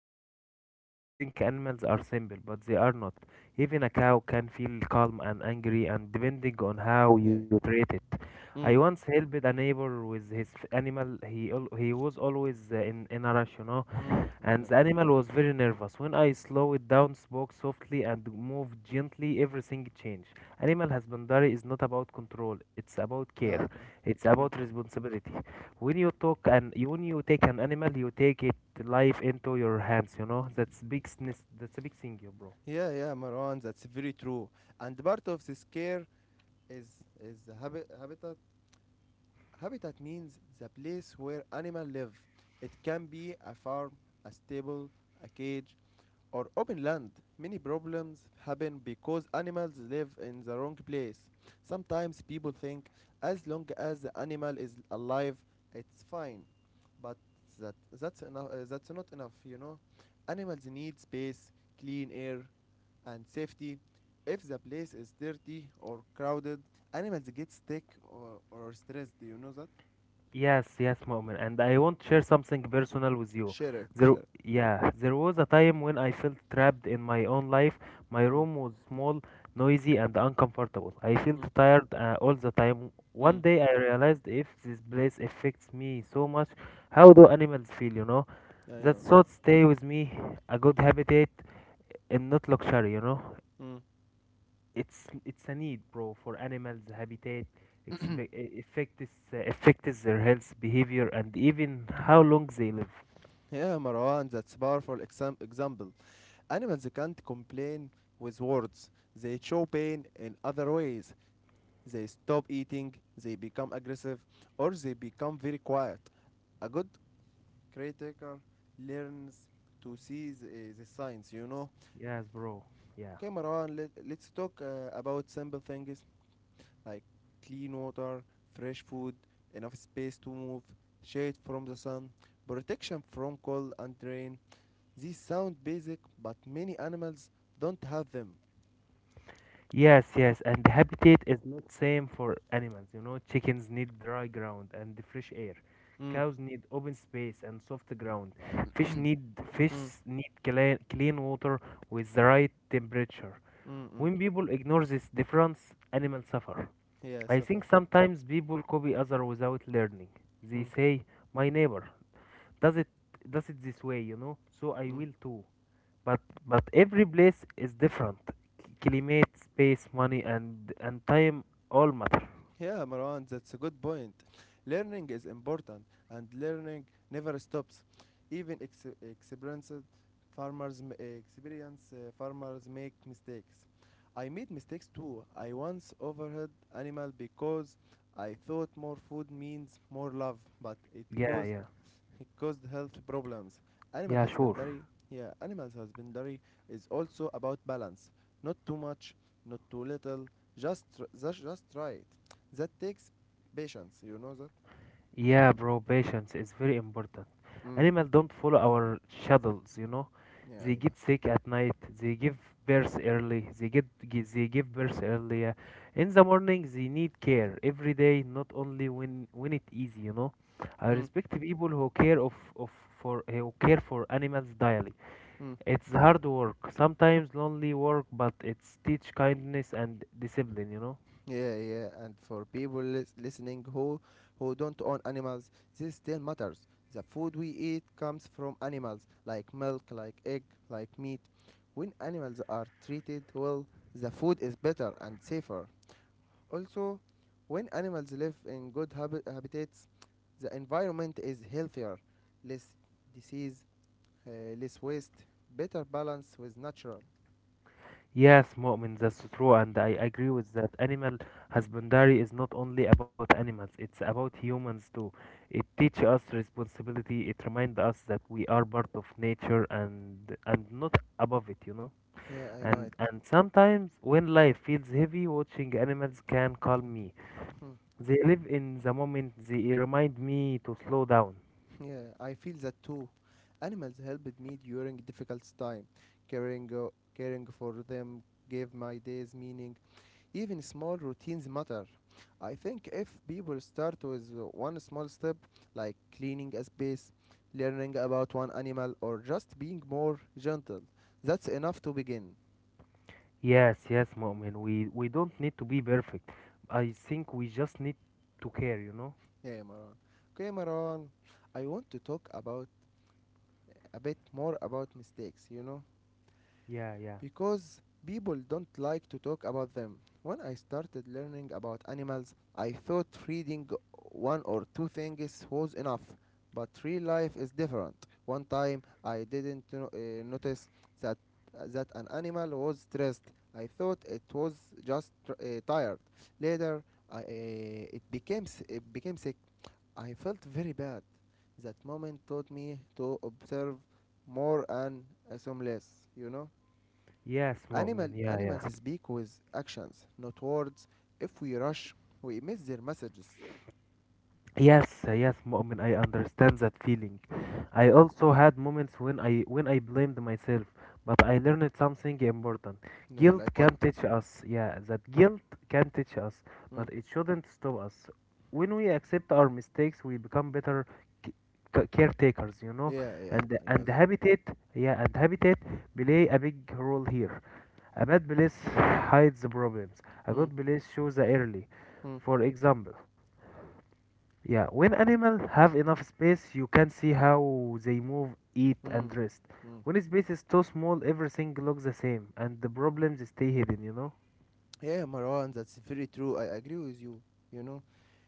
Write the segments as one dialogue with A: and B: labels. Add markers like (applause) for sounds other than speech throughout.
A: I feel the same. People think animals are simple, but they are not. Even a cow can feel calm and angry, and depending on how
B: Yeah.
A: you treat it. I
B: Mm.
A: once helped a neighbor with his animal. He was always in a rush, you know,
B: Mm. I
A: and
B: know.
A: the animal was very nervous. When I slowed down, spoke softly, and moved gently, everything changed. Animal husbandry is not about control; it's about care. It's about
B: Yeah.
A: responsibility when you talk and you, when you take an animal you take it life into your hands, you know. That's that's a big thing. Yeah, bro.
B: Yeah, yeah, Marwan, that's very true. And part of this care is is the habitat. Habitat means the place where animal live. It can be a farm, a stable, a cage, or open land. Many problems happen because animals live in the wrong place. Sometimes people think as long as the animal is alive, it's fine. But that's enough. That's not enough, Animals need space, clean air, and safety. If the place is dirty or crowded, animals get sick or stressed. Do you know that?
A: Yes, yes, Moment, and I want to share something personal with you
B: Share it.
A: there.
B: Share it.
A: Yeah, there was a time when I felt trapped in my own life. My
B: Mm.
A: room was small, noisy, and uncomfortable. I felt
B: Mm.
A: tired all the time.
B: Mm.
A: One day I realized if this place affects me so much, how do animals feel, you know?
B: I
A: That
B: know.
A: thought stay with me. A good habitat and not luxury, you know,
B: Mm.
A: it's a need, bro. For animals, habitat affects affects their health, behavior, and even how long they live.
B: Yeah, Marwan, that's powerful example. Animals can't complain with words. They show pain in other ways. They stop eating, they become aggressive, or they become very quiet. A good caretaker learns to see the signs,
A: Yes, bro. Yeah,
B: Okay, Marwan, let's talk about simple things like clean water, fresh food, enough space to move, shade from the sun, protection from cold and rain. These sound basic, but many animals don't have them.
A: yes, yes. And the habitat is not same for animals, you know. Chickens need dry ground and the fresh air.
B: Mm,
A: Cows need open space and soft ground. Fish need fish
B: mm,
A: clean, clean water with the right temperature.
B: mm, mm.
A: When people ignore this difference, animals suffer.
B: Yeah,
A: I
B: Safar.
A: think sometimes people copy other without learning. They
B: Mm,
A: say, "My neighbor does it this way, you know, so I
B: mm.
A: will too." But but every place is different. Climate, space, money, and time all matter.
B: Yeah, Marwan, that's a good point. Learning is important, and learning never stops. Even experienced farmers m- experience farmers make mistakes. I made mistakes too. I once overheard animal because I thought more food means more love, but it
A: Yeah,
B: caused.
A: yeah,
B: It caused health problems. Animal
A: yeah, sure.
B: husbandry, yeah, animal husbandry is also about balance. Not too much, not too little, just just right. That takes patience, you know that?
A: Yeah, bro, patience is very important.
B: Mm.
A: Animals don't follow our schedules, you know.
B: Yeah,
A: They
B: I know.
A: get sick at night. They give birth early. They give birth earlier. In the morning, they need care every day, not only when it's easy, you know. I
B: Mm.
A: respect people who care of for who care for animals daily.
B: Mm.
A: It's hard work, sometimes lonely work, but it's teach kindness and discipline, you know.
B: Yeah, yeah, and for people listening who don't own animals, this still matters. The food we eat comes from animals, like milk, like egg, like meat. When animals are treated well, the food is better and safer. Also, when animals live in good habitats, the environment is healthier, less disease, uh, less waste, better balance with natural.
A: Yes, Mu'min, that's true, and I agree with that. Animal husbandry is not only about animals, it's about humans too. It teaches us responsibility. It reminds us that we are part of nature, and not above it, you know.
B: Yeah, I know it.
A: And sometimes when life feels heavy, watching animals can calm me.
B: Hmm.
A: They live in the moment. They remind me to slow down.
B: Yeah, I feel that too. Animals helped me during difficult time. Caring, uh, Caring for them gave my days meaning. Even small routines matter. I think if people start with one small step, like cleaning a space, learning about one animal, or just being more gentle, that's enough to begin.
A: Yes, yes, Mu'min, we don't need to be perfect. I think we just need to care, you know?
B: Yeah, Maran. Okay, Maran. I want to talk about a bit more about mistakes, you know?
A: Yeah, yeah.
B: Because people don't like to talk about them. When I started learning about animals, I thought reading one or two things was enough, but real life is different. One time I didn't notice that that an animal was stressed. I thought it was just tired. Later, I, uh, it became it became sick. I felt very bad. That moment taught me to observe more and assume less. You know.
A: Yes,
B: Animal,
A: Mu'min. Yeah,
B: animals
A: yeah.
B: speak with actions, not words. If we rush, we miss their messages.
A: Yes, yes, Mu'min. I understand that feeling. I also had moments when I blamed myself, but I learned something important.
B: No,
A: Guilt
B: like what?
A: can teach us. Yeah, that guilt can teach us,
B: Mm.
A: but it shouldn't stop us. When we accept our mistakes, we become better c- caretakers, you know.
B: Yeah, yeah,
A: And
B: I know
A: and
B: that.
A: habitat, yeah, and habitat play a big role here. A bad place hides the problems. A
B: Mm.
A: good place shows the early.
B: Mm.
A: For example. Yeah, when animals have enough space, you can see how they move, eat,
B: Mm.
A: and rest.
B: Mm.
A: When space is too small, everything looks the same, and the problems stay hidden, you know?
B: Yeah, Marwan, that's very true. I agree with you. You know,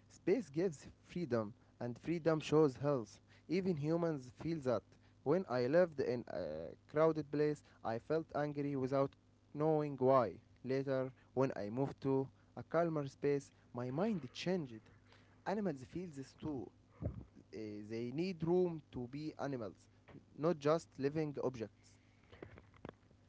B: space gives freedom, and freedom shows health. Even humans feel that. When I lived in a crowded place, I felt angry without knowing why. Later, when I moved to a calmer space, my mind changed. Animals feel this too. They need room to be animals, not just living objects.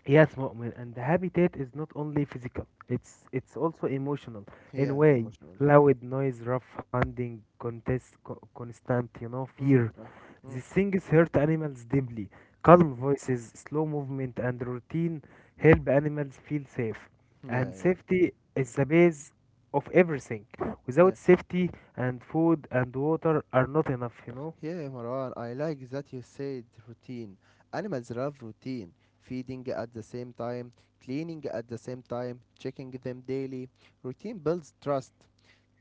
A: Yes, Mu'min, and the habitat is not only physical, it's also emotional. In
B: Yeah,
A: way,
B: emotional.
A: loud noise, rough hunting, contest, constant, you know,
B: Mm,
A: fear.
B: uh, mm,
A: These things hurt animals deeply.
B: mm.
A: Calm voices, slow movement, and routine help animals feel safe.
B: Yeah,
A: And
B: yeah,
A: safety is the base of everything.
B: yeah.
A: Without safety, and food and water are not enough, you know.
B: Yeah, Marwan, I like that you said routine. Animals love routine. Feeding at the same time, cleaning at the same time, checking them daily. Routine builds trust.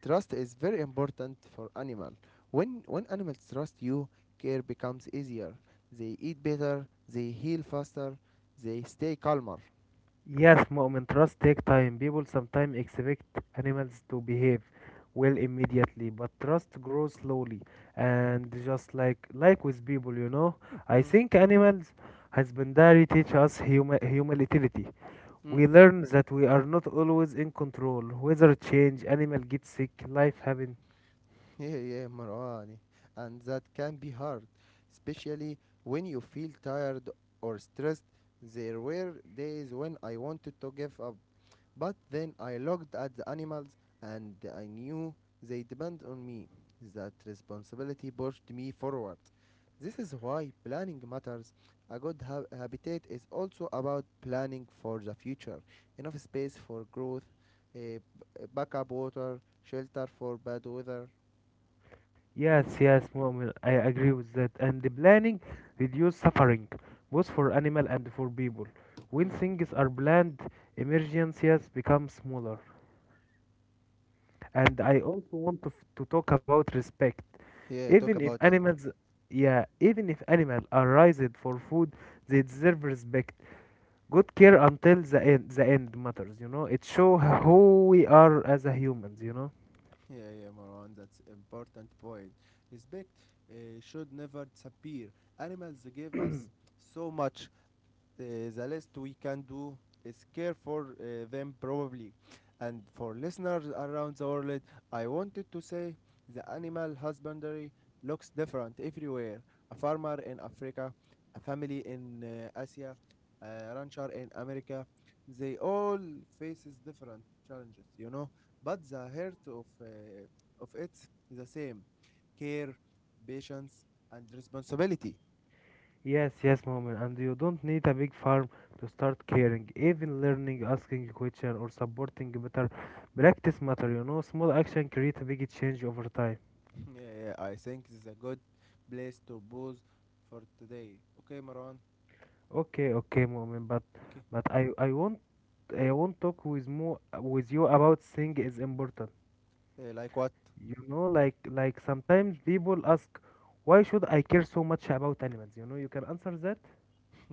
B: Trust is very important for animal. When animals trust you, care becomes easier. They eat better, they heal faster, they stay calmer.
A: Yes, Moment, trust take time. People sometimes expect animals to behave well immediately, but trust grows slowly, and just like with people, you know. I
B: Mm.
A: think animals husbandry teach us humility.
B: Mm.
A: We learn that we are not always in control. Weather change, animal get sick, life happen.
B: (laughs) Yeah, yeah, Marwani. And that can be hard, especially when you feel tired or stressed. There were days when I wanted to give up, but then I looked at the animals and I knew they depend on me. That responsibility pushed me forward. This is why planning matters. A good habitat is also about planning for the future. Enough space for growth, uh, backup water, shelter for bad weather. Mm?
A: Yes, yes, Mu'min, I agree with that. And the planning reduce suffering, both for animal and for people. When
B: Mm.
A: things are planned, emergencies become smaller. And I also want to, to talk about respect.
B: Yeah, talk
A: Even if
B: about it.
A: animals, yeah, even if animals are raised for food, they deserve respect. Good care until the end, matters, you know. It show who we are as a humans, you know.
B: Yeah, yeah, Marwan, that's important point. Respect should never disappear. Animals give us so much. Uh, the least we can do is care for them probably. And for listeners around the world, I wanted to say the animal husbandry looks different everywhere. A farmer in Africa, a family in Asia, a rancher in America, they all faces different challenges, you know. But the heart of it is the same: care, patience, and responsibility.
A: Yes, yes, Moment, and you don't need a big farm to start caring. Even learning, asking a question, or supporting better practice matter, you know. Small action create a big change over time.
B: (laughs) Yeah, yeah, I think this is a good place to pause for today. Okay, Marwan.
A: Okay, okay, Moment, but
B: Okay.
A: but I want talk with more with you about thing is important,
B: Like what?
A: you know, like sometimes people ask why should I care so much about animals, you know? You can answer that.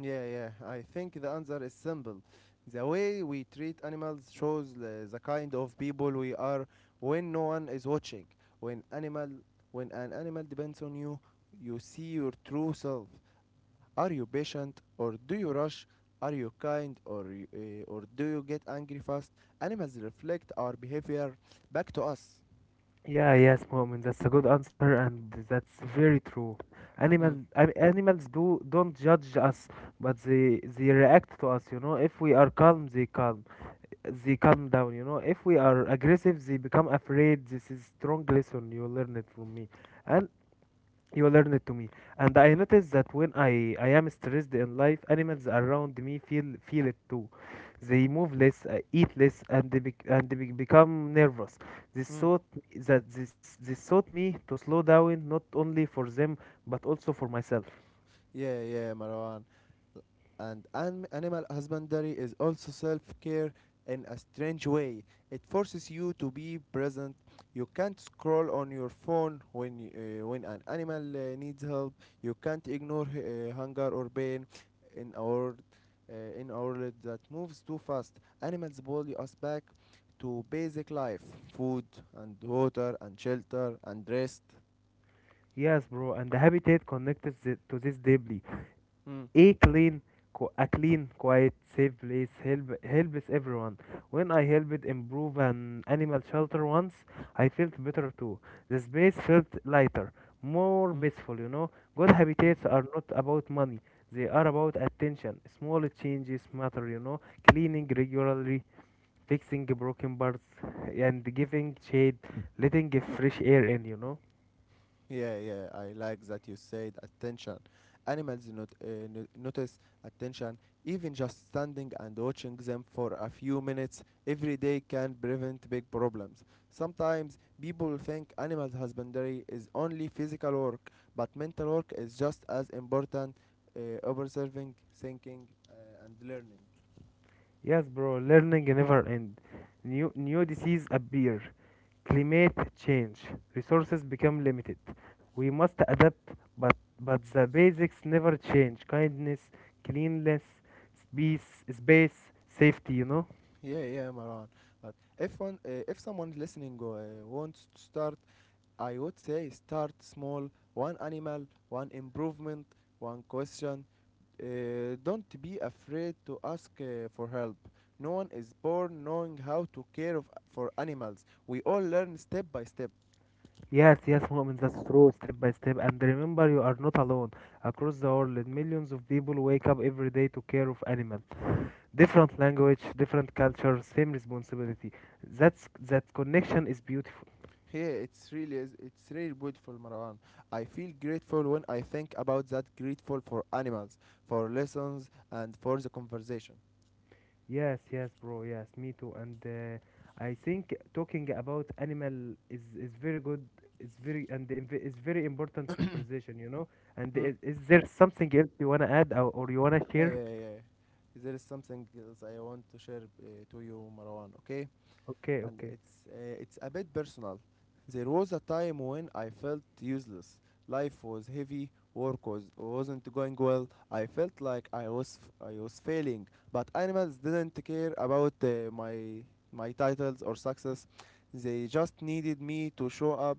B: Yeah, yeah. I think the answer is simple. The way we treat animals shows the kind of people we are when no one is watching. When animal, when an animal depends on you, you see your true self. Are you patient or do you rush? Are you kind or or do you get angry fast? Animals reflect our behavior back to us.
A: Yeah, yes, Mu'min, that's a good answer, and that's very true.
B: Mm.
A: Animals do don't judge us, but they react to us. You know, if we are calm, they calm down. You know, if we are aggressive, they become afraid. This is strong lesson. You learn it from me, and you learn it to me. And I noticed that when I am stressed in life, animals around me feel it too. They move less, eat less, and they become nervous. This
B: Mm.
A: thought that this taught me to slow down, not only for them but also for myself.
B: Yeah, yeah, Marwan. And animal husbandry is also self care in a strange way. It forces you to be present. You can't scroll on your phone when, when an animal needs help. You can't ignore hunger or pain in in our world that moves too fast. Animals pull us back to basic life food and water and shelter and rest.
A: Yes, bro, and the habitat connected it to this deeply.
B: Mm,
A: A clean, a clean, quiet, safe place helps everyone. When I helped improve an animal shelter once, I felt better too. The space felt lighter, more
B: mm,
A: peaceful. You know, good
B: mm.
A: habitats are not about money; they are about attention. Small changes matter. You know, cleaning regularly, fixing broken parts, and giving shade, letting fresh air in. You know.
B: Yeah, yeah, I like that you said attention. Animals not, notice attention. Even just standing and watching them for a few minutes every day can prevent big problems. Sometimes people think animal husbandry is only physical work, but mental work is just as important. Observing, thinking, and learning.
A: Yes, bro. Learning never end. New disease appear, climate change, resources become limited. We must adapt, but but the basics never change. Kindness, cleanliness, space, safety, you know.
B: Yeah, yeah, Maran. But if one, if someone listening wants to start, I would say start small, one animal, one improvement, one question. Don't be afraid to ask for help. No one is born knowing how to care of, for animals. We all learn step by step.
A: Yes, yes, Mu'min, that's true. Step by step, and remember you are not alone. Across the world, millions of people wake up every day to care of animals. Different language, different culture, same responsibility. That connection is beautiful.
B: Here, yeah, it's really it's really beautiful, Marwan. I feel grateful when I think about that. Grateful for animals, for lessons, and for the conversation.
A: Yes, yes, bro. Yes, me too. And I think talking about animal is very good. It's very, and the it's very important conversation, you know. And
B: Hmm.
A: is there something else you wanna add, or you wanna
B: Yeah,
A: share?
B: yeah, yeah. There is something else I want to share to you, Marwan. Okay.
A: Okay,
B: And
A: okay.
B: it's a bit personal. There was a time when I felt useless. Life was heavy, work was wasn't going well. I felt like I was failing, but animals didn't care about my titles or success. They just needed me to show up,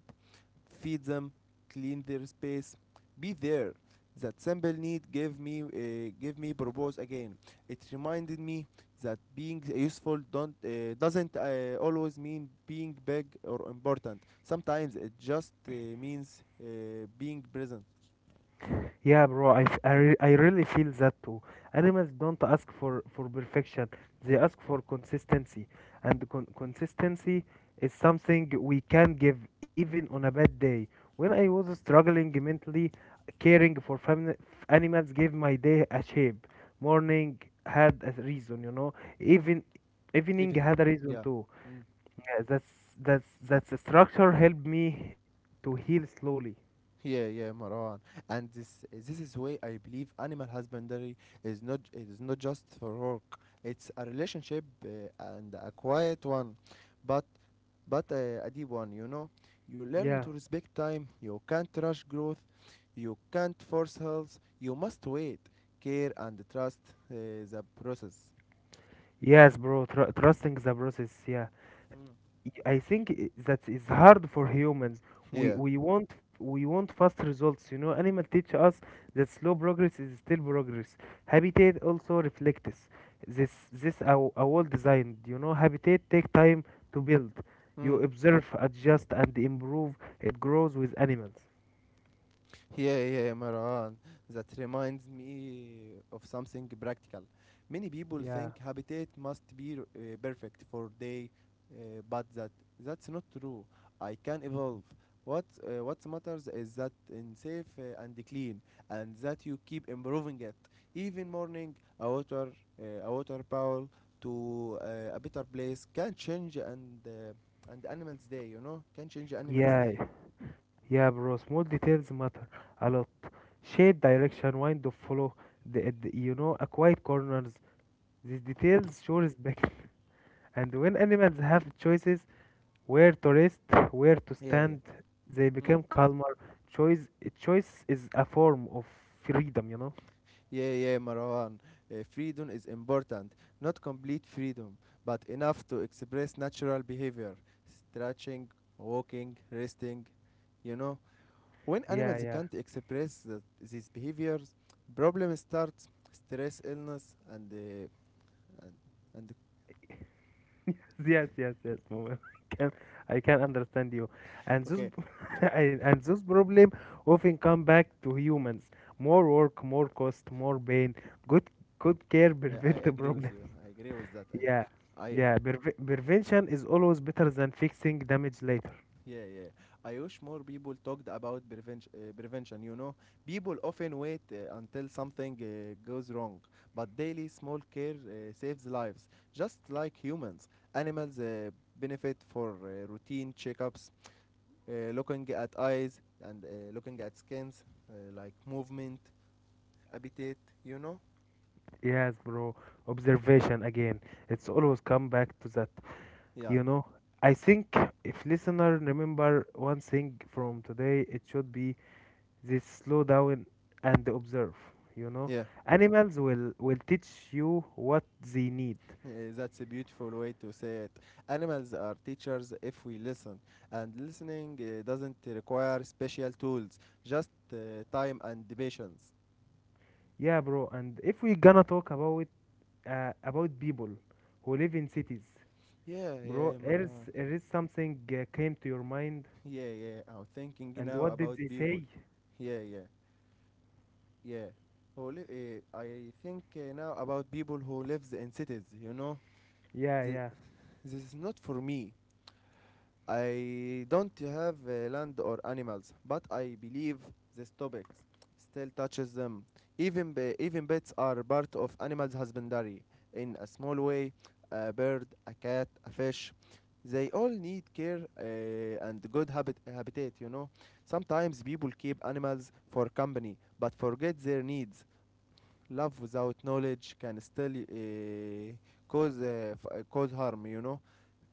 B: feed them, clean their space, be there. That simple need gave me purpose again. It reminded me that being useful don't doesn't always mean being big or important. Sometimes it just means being present.
A: Yeah, bro, I, f- I, re- I really feel that too. Animals don't ask for perfection, they ask for consistency. And consistency is something we can give even on a bad day. When I was struggling mentally, caring for animals gave my day a shape. Morning had a reason, you know. Even evening
B: Evening.
A: had a reason
B: Yeah.
A: too.
B: Mm.
A: Yeah, that's the structure helped me to heal slowly.
B: Yeah, yeah, Marwan. And this is why I believe animal husbandry is not just for work. It's a relationship and a quiet one, but a deep one. You know, you learn
A: Yeah.
B: to respect time. You can't rush growth. You can't force health. You must wait, care, and trust uh, the process. (laughs)
A: Yes, bro, trusting the process. Yeah, I think that is hard for humans. We
B: Yeah.
A: we want we want fast results. You know, animal teach us that slow progress is still progress. Habitat also reflects this. This a well designed, you know, habitat take time to build.
B: Mm.
A: You observe, adjust, and improve. It grows with animals.
B: Yeah, yeah, Maran. That reminds me of something practical. Many people
A: Yeah.
B: think habitat must be perfect for day, but that's not true. I can evolve. What matters is that in safe and clean, and that you keep improving it. Even morning, a water bowl to a better place can change and animals day. You know, can change animals
A: Yeah,
B: day.
A: yeah, bro, small details matter a lot. Shade, direction, wind of follow, the, you know, a quiet corners. These details show respect. (laughs) And when animals have choices where to rest, where to
B: Yeah, yeah.
A: stand, they become calmer. Choice, choice is a form of freedom, you know?
B: Yeah, yeah, Marwan. Freedom is important. Not complete freedom, but enough to express natural behavior. Stretching, walking, resting, you know. When
A: Yeah,
B: animals
A: yeah.
B: can't express these behaviors, problems start, stress, illness, and, and
A: (laughs) Yes, yes, yes. Moment. (laughs) I can, understand you, and this
B: okay,
A: (laughs) and this problem often come back to humans. More work, more cost, more pain. Good good care (laughs)
B: I
A: prevent the
B: agree with
A: problem.
B: you.
A: (laughs)
B: I agree with that.
A: Yeah,
B: I
A: yeah. Prevention is always better than fixing damage later.
B: Yeah, yeah. I wish more people talked about prevention. Prevention, you know, people often wait until something goes wrong, but daily small care saves lives. Just like humans, animals benefit for routine checkups, looking at eyes and looking at skins, like movement, habitat. You know?
A: Yes, bro. Observation again. It's always come back to that.
B: Yeah,
A: You know, I think if listener remember one thing from today, it should be they slow down and observe, you know.
B: yeah.
A: Animals will teach you what they need.
B: Yeah, that's a beautiful way to say it. Animals are teachers if we listen, and listening doesn't require special tools, just time and patience.
A: Yeah, bro. And if we gonna talk about people who live in cities,
B: Yeah,
A: bro,
B: yeah,
A: there is
B: Imran.
A: something came to your mind,
B: Yeah, yeah. I'm thinking
A: and
B: now
A: what did
B: about
A: they
B: people.
A: say?
B: Yeah, yeah, yeah. Who li- I think Now about people who lives in cities. You know,
A: Yeah,
B: Th-
A: yeah,
B: this is not for me. I don't have land or animals, but I believe this topic still touches them. Even pets are part of animals' husbandry in a small way. A bird, a cat, a fish, they all need care and good habitat. You know, sometimes people keep animals for company, but forget their needs. Love without knowledge can still cause cause harm. You know.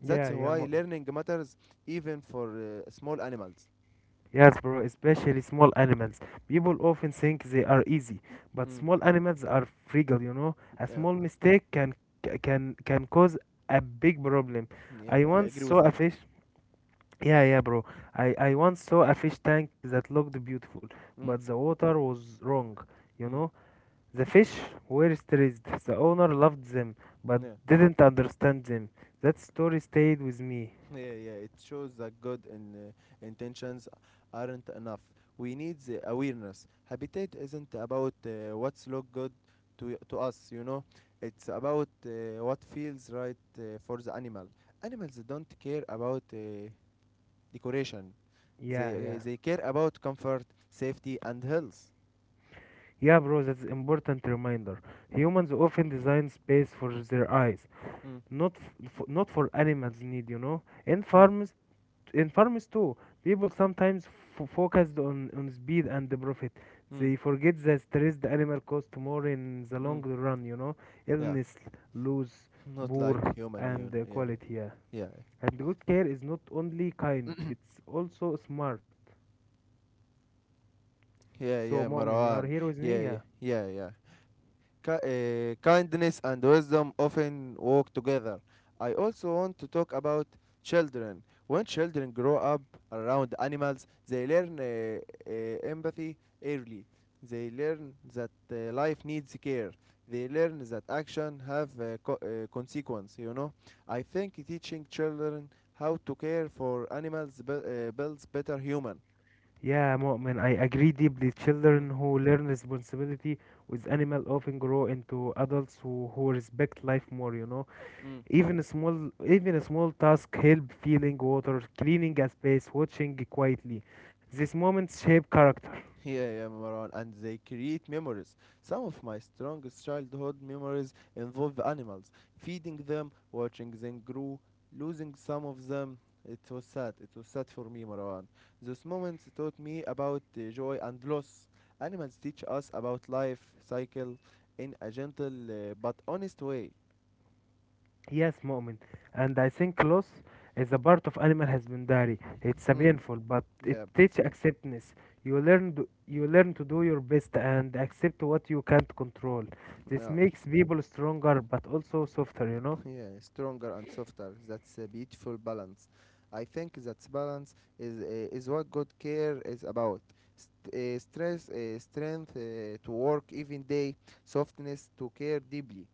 B: That's
A: yeah, yeah.
B: why learning matters even for small animals.
A: Yes, bro, especially small animals. People often think they are easy, but
B: Mm,
A: small animals are fragile, you know. A
B: yeah,
A: small mistake can cause a big problem.
B: (laughs) yeah,
A: I
B: I
A: once
B: agree
A: saw
B: with
A: a
B: that.
A: fish. Yeah, yeah, bro. I once saw a fish tank that looked beautiful, but
B: Mm,
A: the water was wrong, you
B: mm,
A: know. The fish were stressed. The owner loved them, but
B: yeah,
A: didn't understand them. That story stayed with me.
B: (laughs) yeah, yeah. It shows that good intentions aren't enough. We need the awareness. Habitat isn't about what's look good to us, you know. It's about what feels right for the animal. Animals don't care about decoration. They
A: Yeah,
B: uh,
A: yeah.
B: they care about comfort, safety, and health.
A: Yeah, bro, that's important reminder. Humans often design space for their eyes,
B: Mm,
A: not not for animals' need. You know, in farms, in farms too, people sometimes focused on speed and the profit.
B: mm.
A: They forget the stress the animal cost more in the long
B: Mm.
A: run. You know,
B: Yeah,
A: illness, lose,
B: (laughs) not like
A: poor,
B: human, you know.
A: and
B: Yeah,
A: quality. Yeah,
B: yeah,
A: and good care is not only kind; it's also smart.
B: yeah,
A: So,
B: yeah,
A: Mu'min, you are
B: Marwan.
A: here with me.
B: Yeah,
A: Yeah.
B: yeah, yeah, yeah. Kindness and wisdom often walk together. I also want to talk about children. When children grow up around animals, they learn empathy early. They learn that life needs care. They learn that action have consequence. You know, I think teaching children how to care for animals builds better human.
A: Yeah, Mu'min, I agree deeply.
B: Mm.
A: Children who learn responsibility with animal often grow into adults who respect life more, you know.
B: Mm.
A: Even a small task help feeling water, cleaning a space, watching quietly. These moments shape character.
B: Yeah, yeah, Maran, and they create memories. Some of my strongest childhood memories involve animals, feeding them, watching them grow, losing some of them. It was sad. It was sad for me, Marwan. Those moments taught me about joy and loss. Animals teach us about life cycle in a gentle but honest way.
A: Yes, Mu'min. And I think loss is a part of animal husbandry. It's a
B: Mm.
A: painful, but it
B: Yeah,
A: teaches acceptance. You learn to do your best and accept what you can't control. This
B: Bunfa.
A: makes people stronger, but also softer. You know.
B: (laughs) yeah, stronger and softer, that's a beautiful balance. I think that balance is what good care is about. St- stress Strength to work even day, softness to care deeply.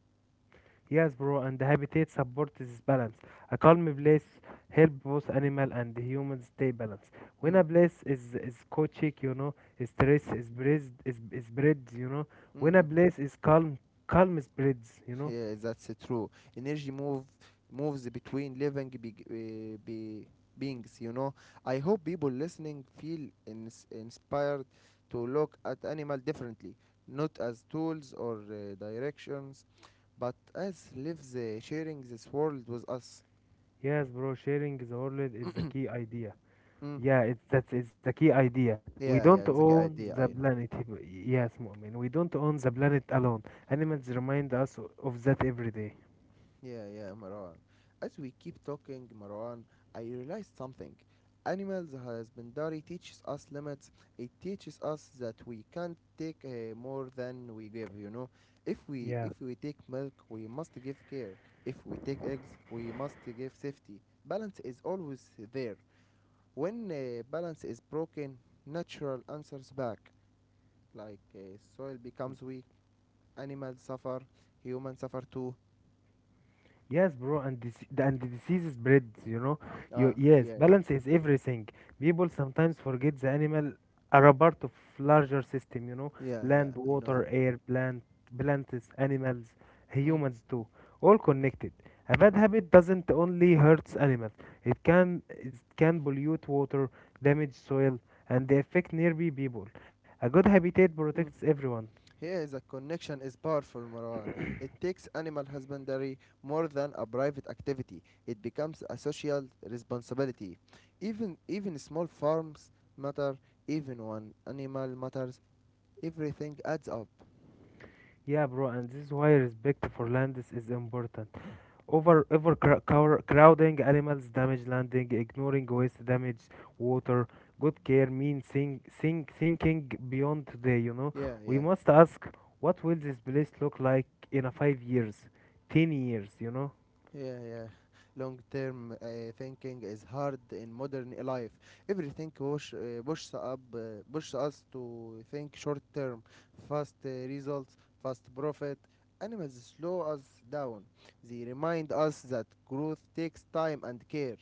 A: Yes, bro. And the habitat supports this balance. A calm place help both animal and humans stay balanced. When
B: Mm,
A: a place is chaotic, you know,
B: mm,
A: stress is breathed is breeds. You know,
B: mm,
A: when a
B: mm.
A: place is calm, calm spreads. You know.
B: Yeah, that's true energy. Moves between living beings, you know. I hope people listening feel inspired to look at animal differently, not as tools or directions, but as lives sharing this world with us.
A: Yes, bro, sharing the world is the key idea.
B: Mm.
A: Yeah, it's that's it's the key idea. We
B: Yeah, yeah,
A: don't
B: exactly
A: own
B: idea, I
A: the
B: know.
A: planet. (laughs) Yes, Mu'min, we don't own the planet alone. Animals remind us of that every day.
B: Yeah, yeah, Marwan. As we keep talking, Marwan, I realized something. Animals husbandry teaches us limits. It teaches us that we can't take more than we give, you know. If we
A: Yeah.
B: if we take milk, we must give care. If we take eggs, we must give safety. Balance is always there. When balance is broken, natural answers back. Like soil becomes weak, animals suffer, humans suffer too.
A: Yes, bro, and and the disease spreads, you know. You
B: Ah,
A: yes,
B: yeah, yeah,
A: balance is everything. People sometimes forget the animal are a part of larger system, you know,
B: yeah, yeah,
A: land,
B: I know that.
A: water, air, plants, animals,
B: Mm,
A: humans too, all
B: mm,
A: connected. A bad habit doesn't only hurts animals; it can pollute water, damage soil, and affect nearby people. A good habitat
B: mm.
A: protects everyone.
B: Here the connection is powerful, Marwan. It
A: (coughs)
B: takes animal husbandry more than a private activity. It becomes a social responsibility. Even small farms matter. Even one animal matters. Everything adds up.
A: Yeah, bro, and this is why respect for lands is important. Overcrowding animals damage landing, ignoring waste damage water. Good care means thinking beyond today. You know,
B: Yeah,
A: we
B: yeah,
A: must ask, what will this place look like in a 5 years, 10 years? You know.
B: yeah, yeah. Long term thinking is hard in modern life. Everything pushes us to think short term, fast results, fast profit. Animals slow us down. They remind us that growth takes time and care.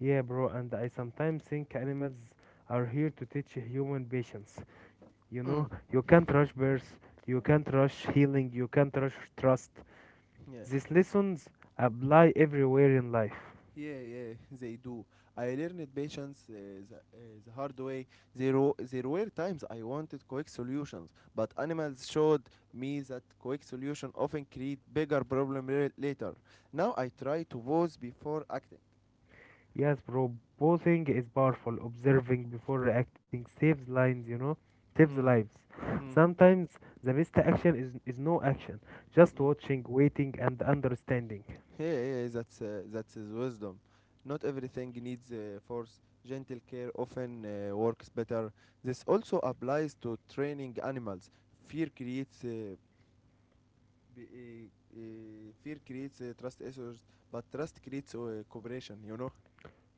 A: Yeah, bro. And I sometimes think animals are here to teach human patience. You
B: Mm.
A: know, you can't rush birth, you can't rush healing, you can't rush trust.
B: Yeah.
A: These lessons apply everywhere in life.
B: Yeah, yeah, they do. I learned patience the, uh, the hard way. There were times I wanted quick solutions, but animals showed me that quick solution often create bigger problem later. Now I try to pause before acting.
A: Yes, bro. Posing is powerful. Observing before reacting saves lives, you know, saves
B: Mm,
A: lives.
B: mm,
A: Sometimes the best action is no action, just
B: mm.
A: watching, waiting, and understanding.
B: Yeah, yeah, that's his wisdom. Not everything needs force. Gentle care often works better. This also applies to training animals. Fear creates uh, Fear creates trust issues, but trust creates cooperation. You know.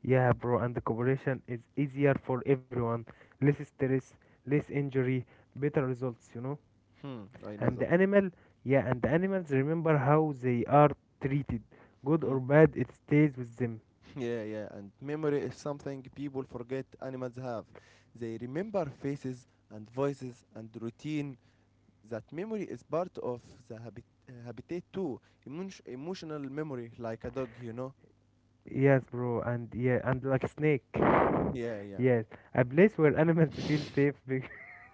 A: Yeah, bro, and the cooperation is easier for everyone. Less stress, less injury, better results, you know.
B: Hmm. I know
A: And
B: that.
A: the animal, yeah, and the animals remember how they are treated. Good
B: Mm.
A: or
B: (laughs)
A: bad, it stays with them.
B: Yeah, yeah. And memory is something people forget animals have. They remember faces and voices and routine. That memory is part of the habitat too. Emotional memory, like a dog. You know.
A: Yes, bro, and yeah, and like snake. (laughs)
B: Yeah, yeah.
A: Yes, a place where animals feel safe.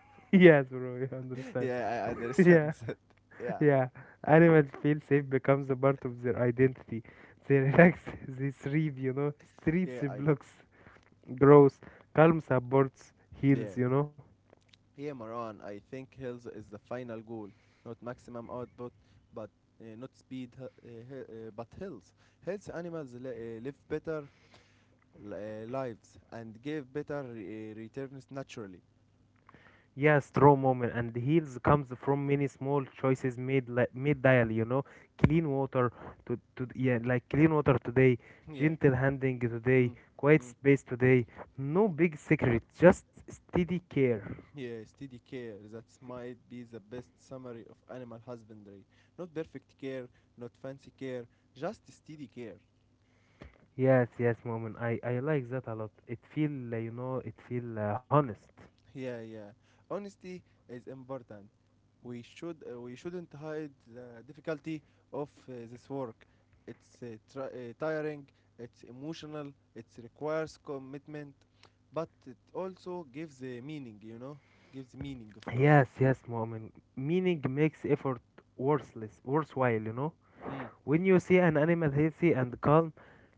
A: (laughs) yes, bro, you
B: (laughs)
A: understand.
B: Yeah, I
A: (laughs)
B: understand
A: yeah,
B: (laughs) that. Yeah,
A: yeah. Animals feel safe becomes a part of their identity. They relax, (laughs) they thrive, you know.
B: yeah.
A: Streets
B: yeah, I.
A: blocks, grows, calm supports, heals,
B: Yeah.
A: you know.
B: Yeah, Moran, I think health is the final goal, not maximum output, but not speed, he- but health. Health animals live better lives and give better returns naturally.
A: Yes, true moment, and the heals comes from many small choices made daily. You know, clean water to yeah, like clean water today,
B: (laughs) yeah,
A: gentle handling today,
B: mm.
A: quiet
B: Mm.
A: space today. No big secret, just steady care.
B: Yeah, steady care. That might be the best summary of animal husbandry. Not perfect care, not fancy care, just steady care.
A: Yes, yes, moment. I like that a lot. It feel honest.
B: Yeah, yeah. Honesty is important. We shouldn't hide the difficulty of this work. It's tiring, it's emotional, it requires commitment, but it also gives a meaning, you know, gives meaning for us.
A: Yes, yes, moment. Meaning makes effort worthwhile. You know,
B: Mm.
A: when you see an animal healthy and calm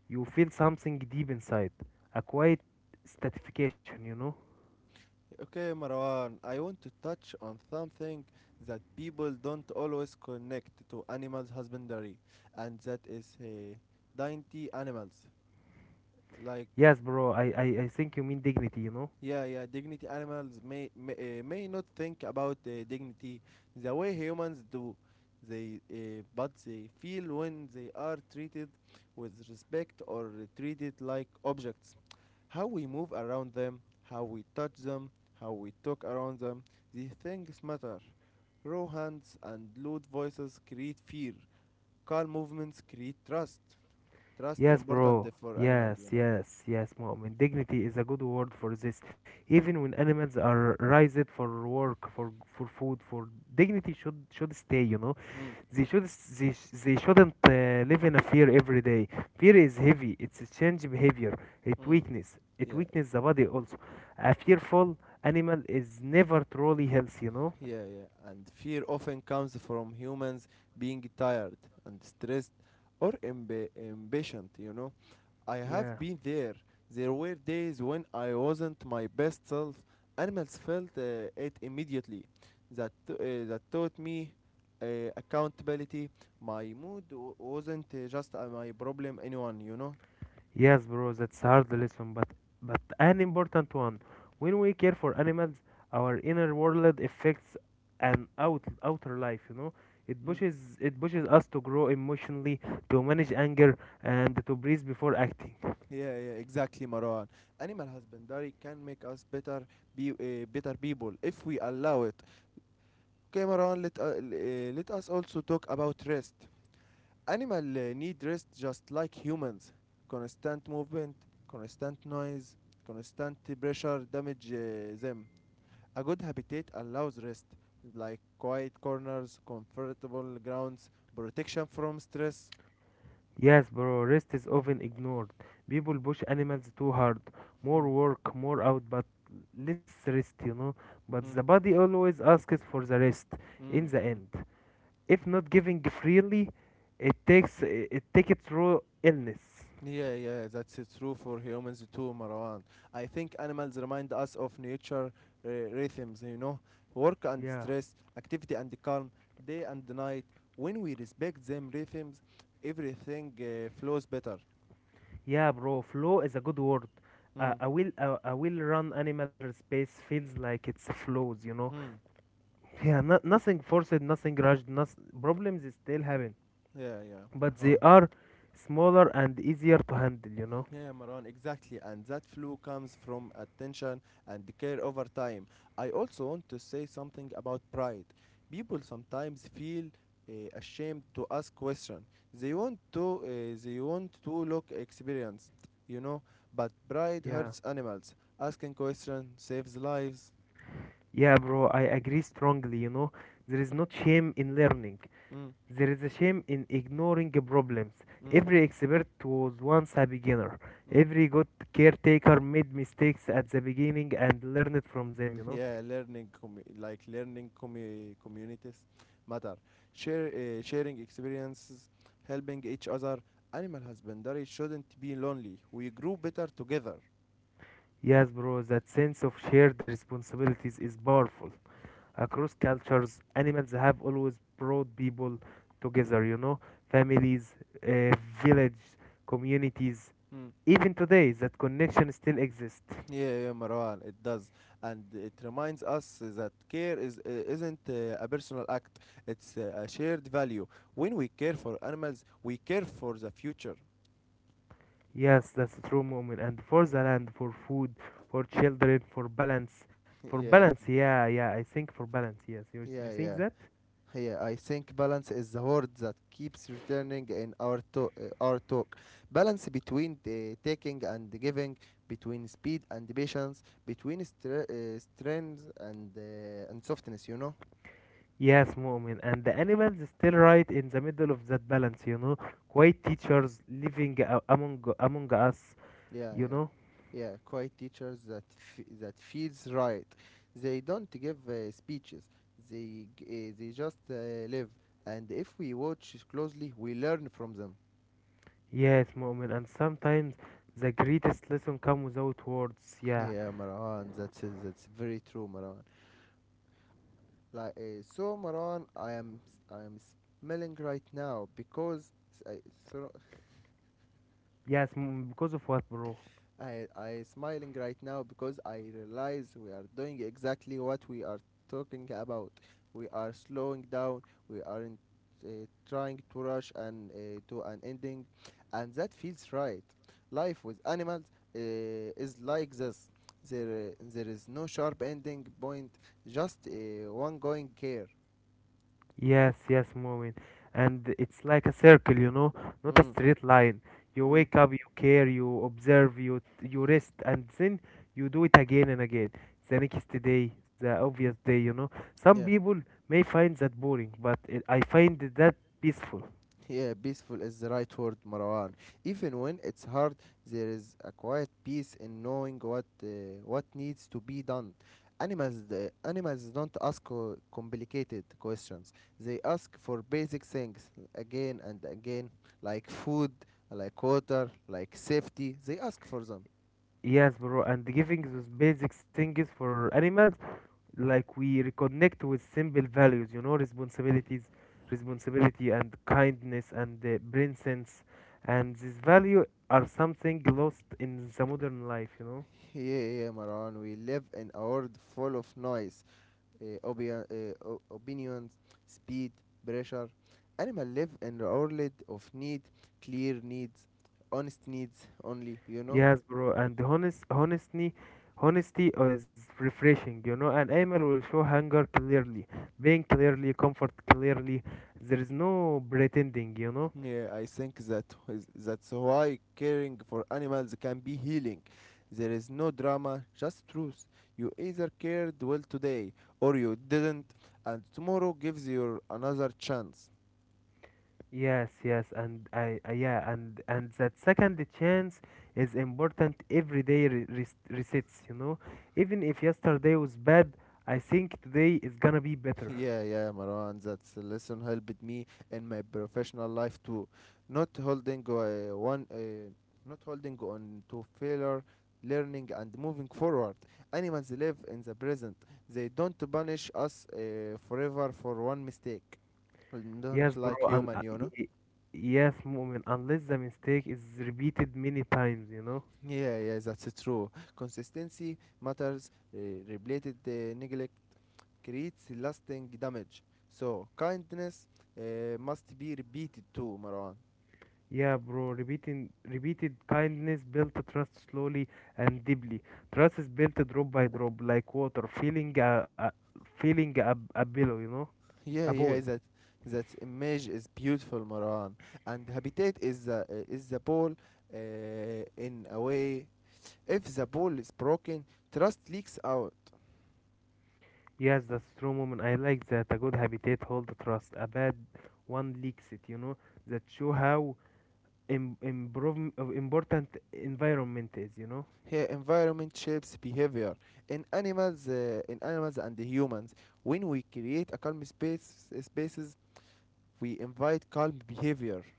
A: you feel something deep inside, a quiet satisfaction, you know?
B: Okay, Marwan, I want to touch on something that people don't always connect to animals husbandry, and that is dainty animals like.
A: Yes, bro, I think you mean dignity, you know?
B: Yeah, yeah. Dignity animals may not think about dignity the way humans do. They but they feel when they are treated with respect or treated like objects. How we move around them, how we touch them, how we talk around them. These things matter. Raw hands and loud voices create fear. Calm movements create trust. Trust
A: Yes,
B: important
A: bro.
B: for animal,
A: Yes,
B: you know.
A: yes, yes, Mu'min. Dignity is a good word for this. Even when animals are raised for work, for food, for dignity should stay, you know?
B: Mm.
A: They should they shouldn't live in a fear every day. Fear is heavy. It's a change behavior. It
B: Mm.
A: weakness. It
B: Yeah.
A: weakness the body also. A fearful animal is never truly healthy, you know?
B: Yeah, yeah. And fear often comes from humans being tired and stressed or impatient, you know. I have
A: Yeah.
B: been there. There were days when I wasn't my best self. Animals felt it immediately. That taught me accountability. My mood wasn't just my problem, anyone, you know.
A: Yes, bro, that's hard lesson, but an important one. When we care for animals, our inner world affects an outer life, you know.
B: Mm.
A: It pushes us to grow emotionally, to manage anger and to breathe before acting.
B: Yeah, yeah, exactly, Marwan. Animal husbandry can make us better, be better people if we allow it. Cameron, let us also talk about rest. Animals need rest just like humans. Constant movement, constant noise, constant pressure damage them. A good habitat allows rest, like quiet corners, comfortable grounds, protection from stress.
A: Yes, bro, rest is often ignored. People push animals too hard.
B: Mm,
A: More work, more out, but less rest, you know. But
B: mm,
A: the body always asks for the rest in
B: mm,
A: the
B: mm.
A: end. If not giving freely, it takes it take it through illness.
B: Yeah, yeah, that's true for humans too, Marwan. I think animals remind us of nature rhythms, you know, work and
A: Yeah,
B: stress, activity and calm, day and night. When we respect them rhythms, everything flows better.
A: yeah, bro. Flow is a good word.
B: Mm.
A: A I will run animal space feels like it's flows. You know.
B: Hmm.
A: Yeah, nothing forced, nothing rushed. Nothing, problems still happen,
B: Yeah, yeah,
A: but they
B: Marwan.
A: are smaller and easier to handle. You know.
B: Yeah, Maran, exactly. And that flu comes from attention and care over time. I also want to say something about pride. People sometimes feel ashamed to ask questions. They want to uh, they want to look experienced, you know, but pride hurts
A: Yeah.
B: animals. Asking questions saves lives.
A: Yeah, bro, I agree strongly, you know. There is no shame in learning.
B: Mm,
A: There is a shame in ignoring problems.
B: mm,
A: Every expert was once a beginner.
B: mm.
A: Every good caretaker made mistakes at the beginning and learned from them, you know.
B: Yeah, learning communities matter. Share sharing experiences, helping each other, animal husbandry shouldn't be lonely. We grow better together.
A: Yes, bro, that sense of shared responsibilities is powerful. Across cultures, animals have always brought people together, you know. Families, uh, village, communities.
B: Hmm.
A: Even today, that connection still exists.
B: Yeah, yeah, Marwan, it does, and it reminds us that care is isn't a personal act. It's a shared value. When we care for animals, we care for the future.
A: Yes, that's true moment. And for the land, for food, for children, for balance, for
B: (laughs) yeah,
A: balance. Yeah, yeah. I think for balance. Yes, you
B: yeah,
A: think
B: yeah.
A: that?
B: Yeah, I think balance is the word that keeps returning in our our talk. Balance between the taking and the giving, between speed and patience, between strength and softness. You know.
A: Yes, moment. And the animals is still right in the middle of that balance. You know, quiet teachers living among us.
B: Yeah,
A: You
B: yeah,
A: know.
B: yeah. Quiet teachers, that feels right. They don't give speeches. They just live. And if we watch closely, we learn from them. (laughs)
A: Yes, moment. And sometimes the greatest lesson come without words. Yeah.
B: Yeah, Marwan, that's very true, Marwan. Maran, I am smiling right now because I so
A: Yes, moment. Because of what, bro?
B: I smiling right now because I realize we are doing exactly what we are talking about. We are slowing down. We aren't trying to rush and to an ending, and that feels right. Life with animals is like this. There is no sharp ending point, just one going care.
A: Yes, yes, moment. And it's like a circle, you know, not a
B: Mm,
A: straight line. You
B: mm,
A: wake up, you care, you observe, you rest, and then you do it again and again. The next day, the obvious day, you know. Some
B: yeah.
A: people may find that boring, but it, I find that peaceful.
B: Yeah, peaceful is the right word, Marwan. Even when it's hard, there is a quiet peace in knowing what needs to be done. The animals don't ask complicated questions. They ask for basic things again and again, like food, like water, like safety. They ask for them.
A: Yes, bro. And giving those basic things for animals like we reconnect with simple values, you know, responsibilities responsibility and kindness and brain sense, and this value are something lost in the modern life, you know.
B: Yeah, yeah, Marwan. We live in a world full of noise, uh, opinions, speed, pressure. Animals live in the world of need, clear needs, honest needs only, you know?
A: Yes, bro, and honestly honesty is refreshing, you know. And Ayman will show hunger clearly, being clearly comfort clearly, there is no pretending, you know.
B: Yeah, I think that is- that's why caring for animals can be healing. There is no drama, just truth. You either cared well today or you didn't, and tomorrow gives you another chance.
A: Yes, yes, and I yeah, and that second chance is important every day. Resets, you know. Even if yesterday was bad, I think today is gonna be better.
B: Yeah, yeah, Marwan, that's a lesson helped me in my professional life too. Not holding not holding on to failure, learning and moving forward. Animals live in the present. They don't punish us forever for one mistake. Don't
A: Yes, bro,
B: like
A: and
B: human, you know.
A: yes, moment, unless the mistake is repeated many times, you know.
B: Yeah, yeah, that's true. Consistency matters. Related neglect creates lasting damage. So kindness must be repeated too, Marwan.
A: Yeah, bro, repeating repeated kindness built trust slowly and deeply. Trust is built drop by drop, like water, feeling a pillow, you know,
B: Yeah,
A: a
B: yeah,
A: bowl.
B: that image is beautiful, Maran. And habitat is the ball in a way. If the ball is broken, trust leaks out.
A: Yes, that's true, moment. I like that. A good habitat hold trust. A bad one leaks it. You know that show how improve of important environment is. You know.
B: Here, environment shapes behavior in animals, and humans. When we create a calm space spaces, we invite calm behavior. (laughs)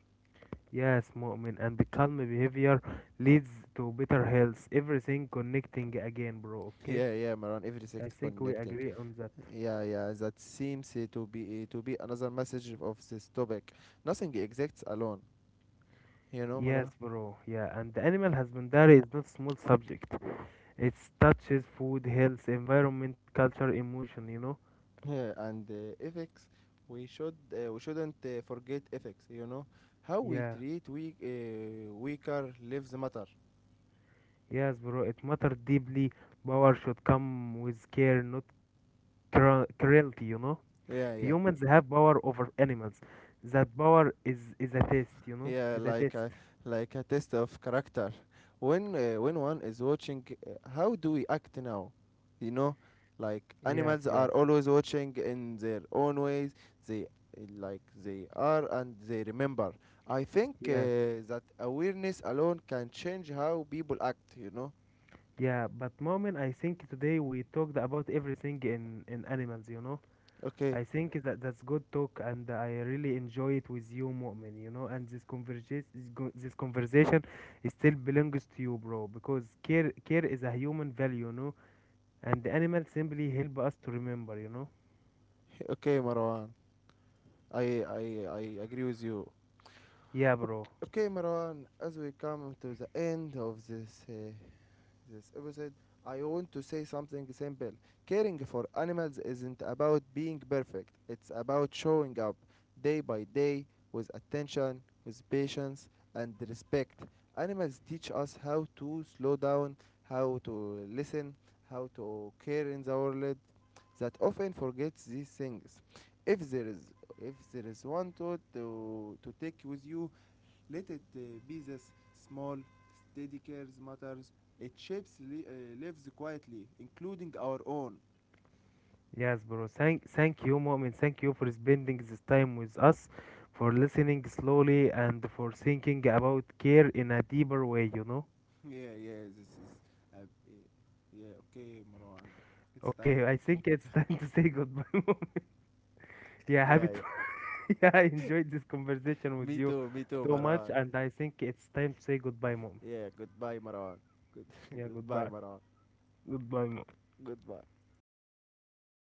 A: Yes, moment. And the calm behavior leads to better health. Everything connecting again, bro. Okay.
B: Yeah, yeah, Maran. Every
A: I
B: sector
A: think we
B: connecting.
A: agree on that.
B: Yeah, yeah. That seems to be another message of this topic. Nothing exists alone. You know,
A: Yes,
B: Mara.
A: bro. Yeah, and the animal husbandry is not small subject. It touches food, health, environment, culture, emotion. You know.
B: (laughs) yeah, and ethics, we shouldn't forget ethics, you know. How we
A: Yeah.
B: treat weak weaker lives matter.
A: Yes, bro, it mattered deeply. Power should come with care, not cruelty, you know?
B: Yeah, yeah,
A: Humans have power over animals. That power is a test, you know?
B: yeah,
A: Is a
B: like
A: test.
B: a test of character. When when one is watching how do we act now, you know. Like
A: Yes,
B: animals
A: yes.
B: are always watching in their own ways. They like they are and they remember. I think
A: Yeah,
B: that awareness alone can change how people act, you know.
A: yeah. But moment, I think today we talked about everything in animals, you know?
B: Okay,
A: I think that that's good talk and I really enjoy it with you, Mu'min, you know? And this conversation it still belongs to you, bro, because care, care is a human value, you know? And the animals simply help us to remember, you know.
B: okay, Marwan. I agree with you.
A: Yeah, bro.
B: Okay, Marwan, as we come to the end of this, this episode, I want to say something simple. Caring for animals isn't about being perfect, it's about showing up day by day with attention, with patience, and respect. Animals teach us how to slow down, how to listen, how to care in the world, that often forgets these things. If there is if there is one thought to take with you, let it be this: small, steady cares matters. It shapes lives quietly, including our own.
A: Yes, bro, thank you, mom, and thank you for spending this time with us, for listening slowly, and for thinking about care in a deeper way, you know.
B: (laughs) yeah, yeah, this is. Uh, uh, yeah, okay, Marwan. It's
A: Okay,
B: time
A: I
B: to
A: think
B: say
A: it's (laughs)
B: goodbye.
A: time to say goodbye (laughs) mom. Yeah,
B: (laughs)
A: happy
B: yeah,
A: to.
B: yeah.
A: (laughs) Yeah, I enjoyed this conversation with you
B: Me too,
A: so much
B: Marwan.
A: and I think it's time to say goodbye, mom.
B: Yeah, goodbye, Marwan. Good, (laughs)
A: Yeah,
B: goodbye,
A: goodbye.
B: Marwan.
A: Goodbye, mom.
B: Goodbye.